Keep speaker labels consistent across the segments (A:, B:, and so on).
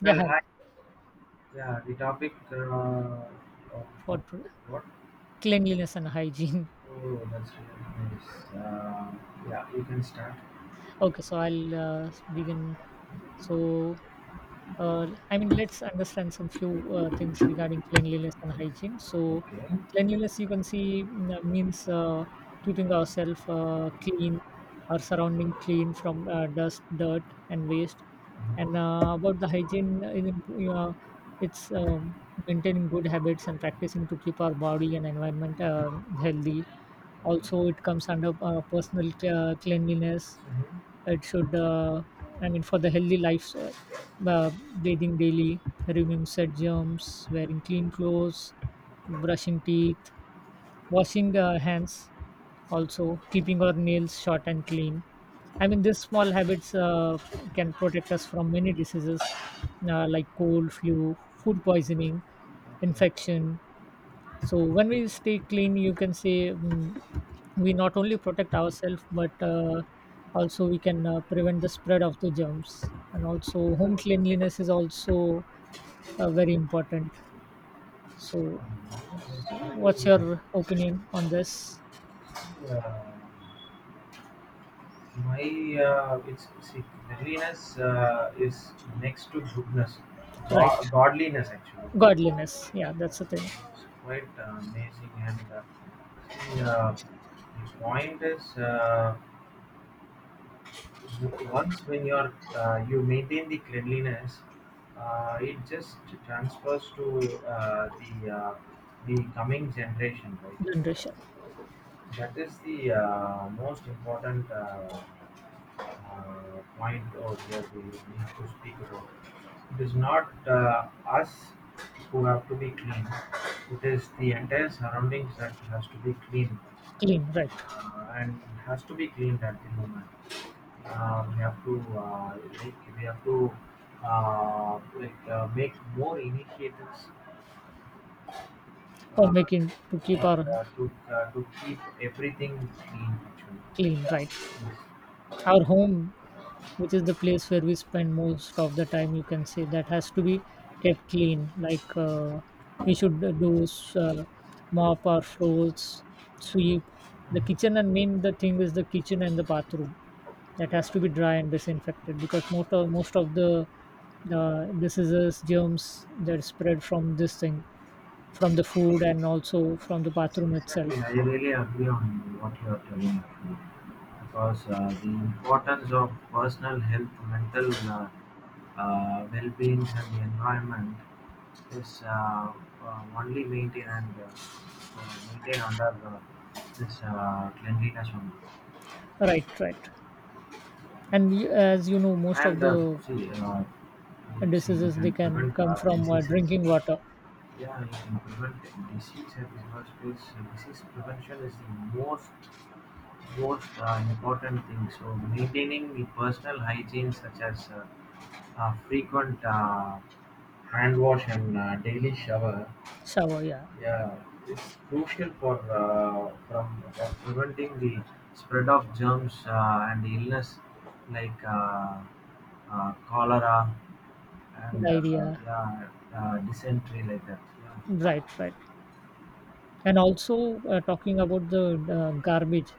A: Yeah,
B: Well,
A: hi.
B: hi. Yeah, the topic of,
A: For
B: of
A: pr-
B: what?
A: cleanliness and hygiene.
B: Oh, that's really nice. Yeah, you can start.
A: Okay, so I'll begin. So, I mean, let's understand some few things regarding cleanliness and hygiene. So,
B: Yes. Okay.
A: cleanliness, you can see, means keeping ourselves clean, our surrounding clean from dust, dirt, and waste. And about the hygiene, it's maintaining good habits and practicing to keep our body and environment healthy.
B: Okay.
A: Also, it comes under personal cleanliness.
B: Mm-hmm.
A: it should, uh, I mean, for the healthy life, bathing daily, removing said germs, wearing clean clothes, brushing teeth, washing hands, also keeping our nails short and clean. I mean, these small habits can protect us from many diseases like cold, flu, food poisoning, infection. So when we stay clean, you can say, we not only protect ourselves, but also we can prevent the spread of the germs. And
B: Okay.
A: also home
B: Oh,
A: cleanliness is also very important, so
B: yeah, that's
A: what's
B: really helps.
A: your opinion on this?
B: Uh, my it's See, cleanliness is next to goodness,
A: Right.
B: Godliness actually.
A: Godliness, yeah, that's the thing.
B: Yeah, it's quite amazing and see, the point is. Once when you maintain the cleanliness, it just transfers to the the coming generation, right?
A: Generation.
B: That is the most important point over here, we have to speak about. It is not us who have to be clean. It is the entire surroundings that has to be clean,
A: Clean, right.
B: and it has to be cleaned at the moment. We have to, like, we have to, like, make more initiatives,
A: Or
B: uh,
A: making to keep
B: for
A: our.
B: to keep everything clean actually.
A: Clean,
B: Yeah.
A: right.
B: Yes.
A: Our home, which is the place where we spend most of the time, you can say, that has to be kept clean. Like, we should do, uh, mop our floors, sweep the kitchen. And main the thing is the kitchen and the bathroom, that
B: Yeah.
A: has to be dry and disinfected, because most of the diseases germs that spread from this thing, from the food and also from the
B: Yes,
A: bathroom itself.
B: exactly. I really agree on what you are telling actually. Because the importance of personal health, mental, well beings, and the environment is, only maintain and, maintain under this cleanliness only.
A: Right, right. And as you know, most of
B: And
A: the
B: see, you see, you
A: diseases, they
B: can
A: can
B: prevent
A: come from
B: diseases.
A: drinking water.
B: Yeah, you can prevent disease at the first place. Disease prevention is the most important thing. So maintaining the personal hygiene, such as, frequent hand wash and daily shower.
A: Shower, yeah.
B: Yeah, it's crucial for, from for preventing the spread of germs, and illness like, cholera and,
A: Good.
B: yeah, dysentery like that. Yeah.
A: Right, right. And also talking about the garbage,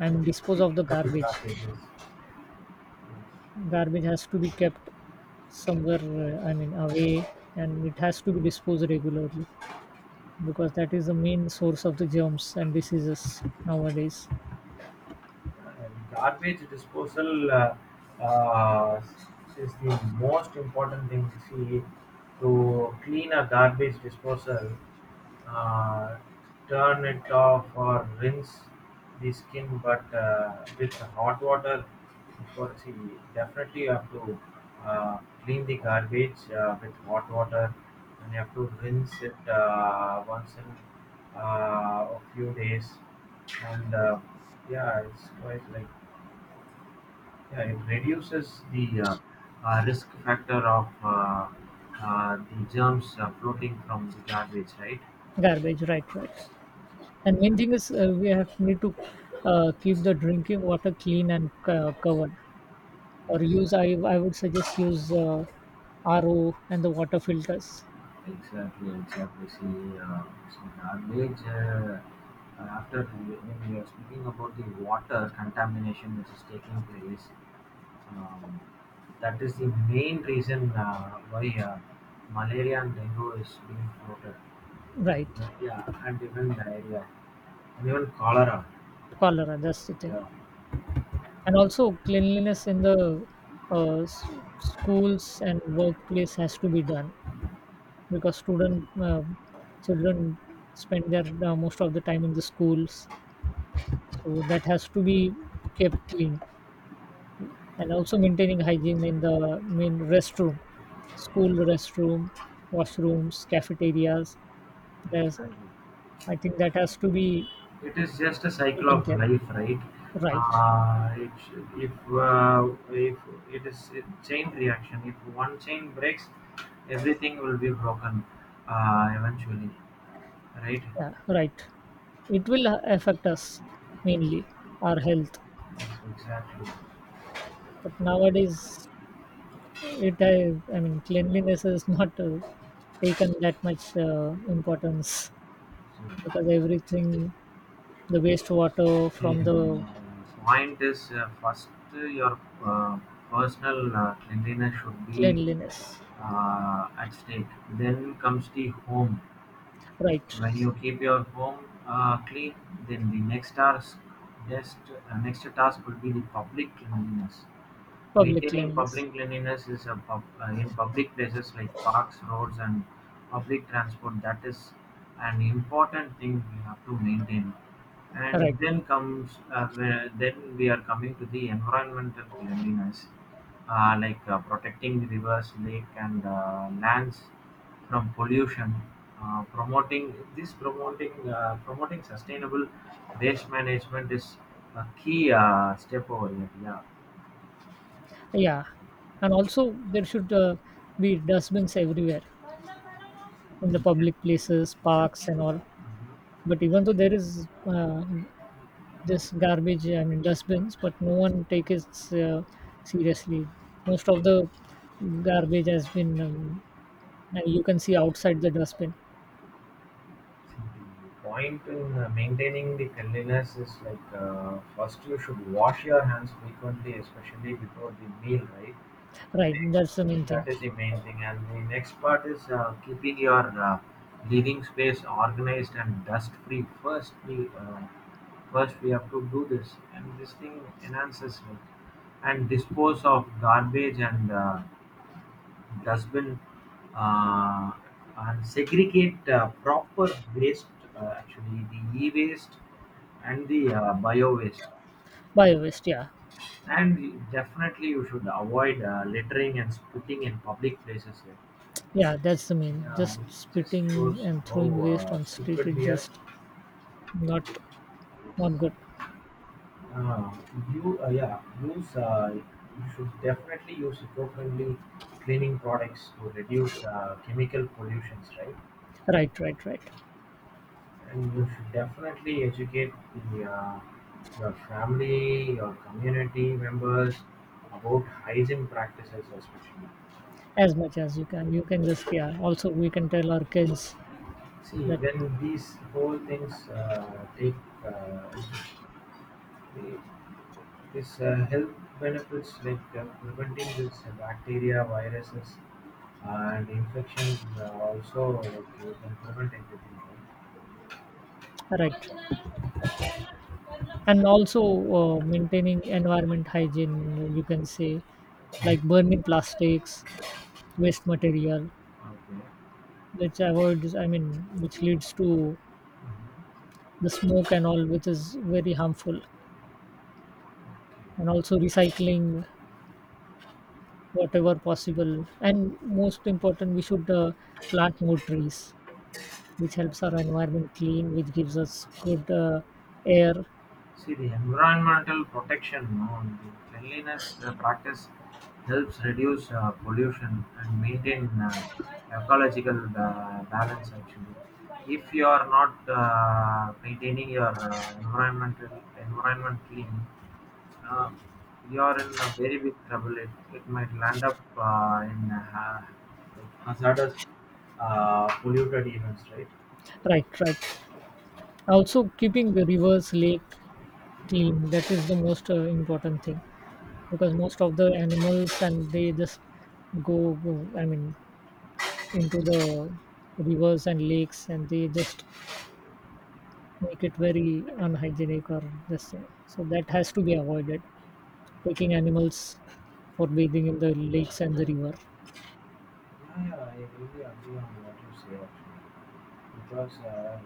A: and dispose of
B: Speaking
A: the
B: about the
A: garbage.
B: blockages, yes.
A: Garbage has to be kept somewhere, I mean, away, and it has to be disposed regularly, because that is the main source of the germs and diseases nowadays.
B: And garbage disposal uh, is the most important thing. See, to clean a garbage disposal, uh, turn it off or rinse the skin, but with hot water. For see, definitely you have to clean the garbage with hot water, and you have to rinse it once in, a few days, and, yeah, it's quite like, yeah, it reduces the risk factor of, the germs floating from the garbage, right?
A: Garbage, right, right. And main thing is, we have need to keep the drinking water clean and covered, or use, I would suggest use RO and the water filters.
B: Exactly, exactly, exactly. See, see garbage. When we are speaking about the water contamination which is taking place, um, that is the main reason why malaria and dengue is being floated, and,
A: Right,
B: yeah, and even diarrhea, and even cholera.
A: cholera. That's the thing.
B: Yeah,
A: And also cleanliness in the uh, s- schools and workplace has to be done, because student children spend their most of the time in the schools, so that has to be kept clean. And also maintaining hygiene in the main restroom, school restroom, washrooms, cafeterias. There's,
B: exactly.
A: I think that has to be
B: It is just a cycle
A: taken
B: of
A: care.
B: life, right?
A: Right.
B: If, if it is a chain reaction, if one chain breaks, everything will be broken, eventually, right?
A: Yeah. Right. It will affect us, mainly our health.
B: Yes, exactly.
A: But nowadays, it i, I mean, cleanliness is not taken that much importance,
B: So,
A: because everything, the wastewater from the.
B: point is, first, your personal cleanliness should be
A: Cleanliness.
B: at stake. Then comes the home.
A: Right.
B: When you keep your home clean, then the next task, next, next task would be the public cleanliness.
A: Public
B: Maintaining
A: cleanliness.
B: public cleanliness is in public places like parks, roads, and public transport. That is an important thing we have to maintain.
A: Right.
B: And then comes, where, then we are coming to the environmental cleanliness, like protecting rivers, lake, and lands from pollution. Promoting this promoting promoting sustainable waste management is a key step over here. Yeah.
A: Yeah, and also there should, be dustbins everywhere in the public places,
B: The
A: parks and all. But even though there is, this garbage, I mean, dustbins, but no one takes it seriously. Most of the garbage has been, and you can see outside the dustbin.
B: point in maintaining the cleanliness is like, first you should wash your hands frequently, especially before the meal, right? You
A: Right,
B: take
A: that's the main thing.
B: That is the main thing, and the next part is keeping your living space organized and dust free. First we have to do this, and this thing enhances it. And dispose of garbage and dustbin, uh, and segregate proper waste, actually the e-waste and the bio waste, yeah.
A: Bio waste, yeah.
B: And definitely you should avoid littering and spitting in public places here.
A: Yeah, that's the main,
B: Yeah,
A: just
B: it just
A: spitting.
B: shows
A: And
B: how
A: throwing waste on street,
B: stupid
A: it
B: we are.
A: just. Not not good.
B: uh, you Yeah, use you should definitely use eco-friendly cleaning products to reduce chemical pollutions, right?
A: Right, right, right.
B: And you should definitely educate the, uh, your family, your community members about hygiene practices, especially.
A: As much as you can just, yeah, also we can tell our kids
B: See,
A: that.
B: when these whole things take, into the- this health benefits like preventing this bacteria, viruses, and infection, also like you can prevent everything. Right?
A: Right. And also maintaining environment hygiene, you can say, like
B: Mhm.
A: burning plastics, waste material,
B: Okay.
A: which avoids I mean which leads to
B: Mhm.
A: the smoke and all, which is very harmful.
B: Okay.
A: And also recycling whatever possible. And most important, we should plant more trees, which helps our
B: Definitely.
A: environment clean, which gives us good air.
B: See, the environmental protection on the cleanliness practice helps reduce pollution and maintain ecological balance actually. If you are not maintaining your environment clean, uh, you are in a very big trouble. It might land up in, like, hazardous polluted events, right?
A: Right, right. Also keeping the rivers, lake clean, that is the most important thing, because most of the animals, and they just go, go I mean, into the rivers and lakes, and they just make it very
B: Okay.
A: unhygienic, or this thing. So that has to be avoided. Taking animals for bathing in the lakes and the river.
B: Yeah, yeah, I really agree on what you say actually. Because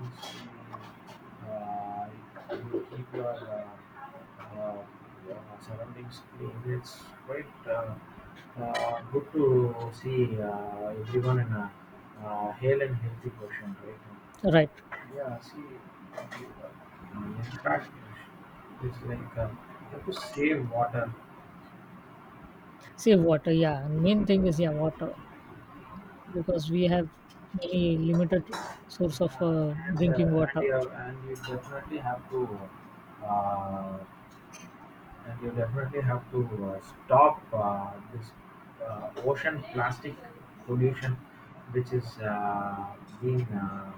B: once you keep your surroundings clean, it's quite good to see everyone in a, hale and healthy portion, right?
A: Right.
B: Yeah, see, in fact, it's like, you have to save water,
A: Save water, yeah. And main thing is, yeah, water. Because we have very limited source of
B: yeah, and uh,
A: drinking
B: and
A: water.
B: you and you definitely have to, uh, stop this ocean plastic pollution, which is being,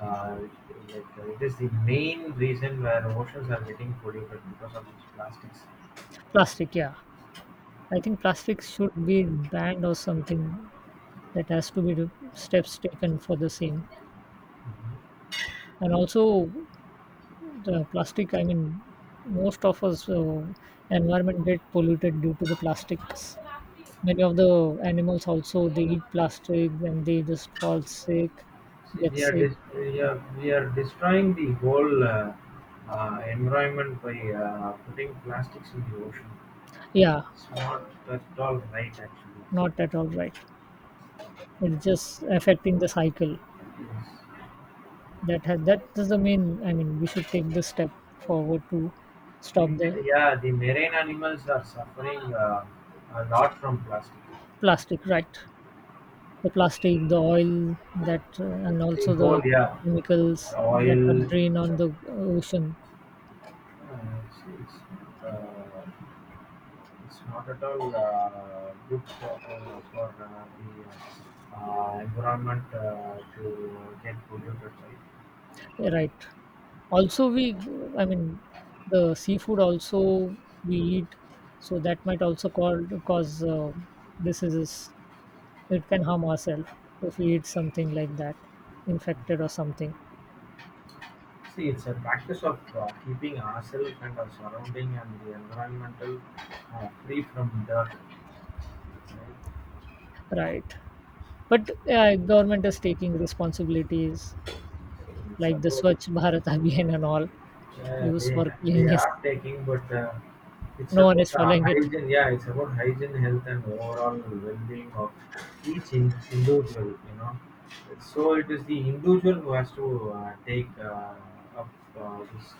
B: uh, like, it is the main reason where oceans are getting polluted because of these plastics.
A: Plastic, yeah. I think plastic should be banned or something, that has to be, steps taken for the same.
B: Mhm.
A: And also the plastic, I mean, most of us environment get polluted due to the plastics. Many of the animals also, they eat plastic and they just fall sick.
B: See,
A: Get sick,
B: we are destroying the whole environment by putting plastics in the ocean.
A: yeah.
B: It's not at all right, actually.
A: Not at all right.
B: Yeah,
A: It's just affecting the cycle,
B: it is.
A: That is the main, I mean, we should take this step forward to stop the
B: Yeah, the marine animals are suffering a lot from plastic.
A: plastic. Right. The plastic, the oil, that, and also the
B: Yeah,
A: chemicals
B: the
A: that are
B: oil,
A: drained on the ocean.
B: uh, it's, it's, uh, it's not at all good for, the environment to get polluted, right?
A: Right. Also, we, I mean, the seafood also we eat, so that might also cause diseases. It can harm ourselves if we eat something like that, infected or something.
B: See, it's a practice of keeping ourselves and our surrounding and the environmental, free from dirt, right?
A: Right. But government is taking responsibilities,
B: See, it's
A: like the
B: about.
A: Swachh Bharat Abhiyan and all,
B: Yeah,
A: used
B: they
A: for
B: they
A: cleanliness.
B: are taking, but it's
A: No one is
B: about
A: following it.
B: hygiene. Yeah, it's about hygiene, health, and overall well-being of each individual. So it is the individual who has to take up this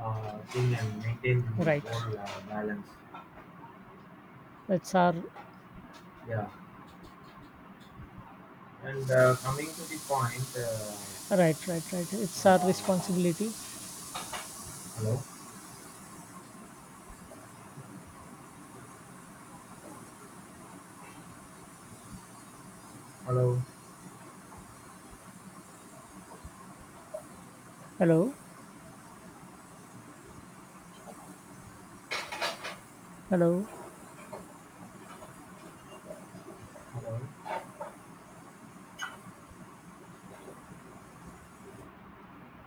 B: thing and maintain the
A: Right.
B: whole balance.
A: It's our.
B: Yeah, and coming to the point.
A: Right, right, right. It's our
B: Uh,
A: responsibility.
B: Hello, hello,
A: Hello. Hello.
B: hello.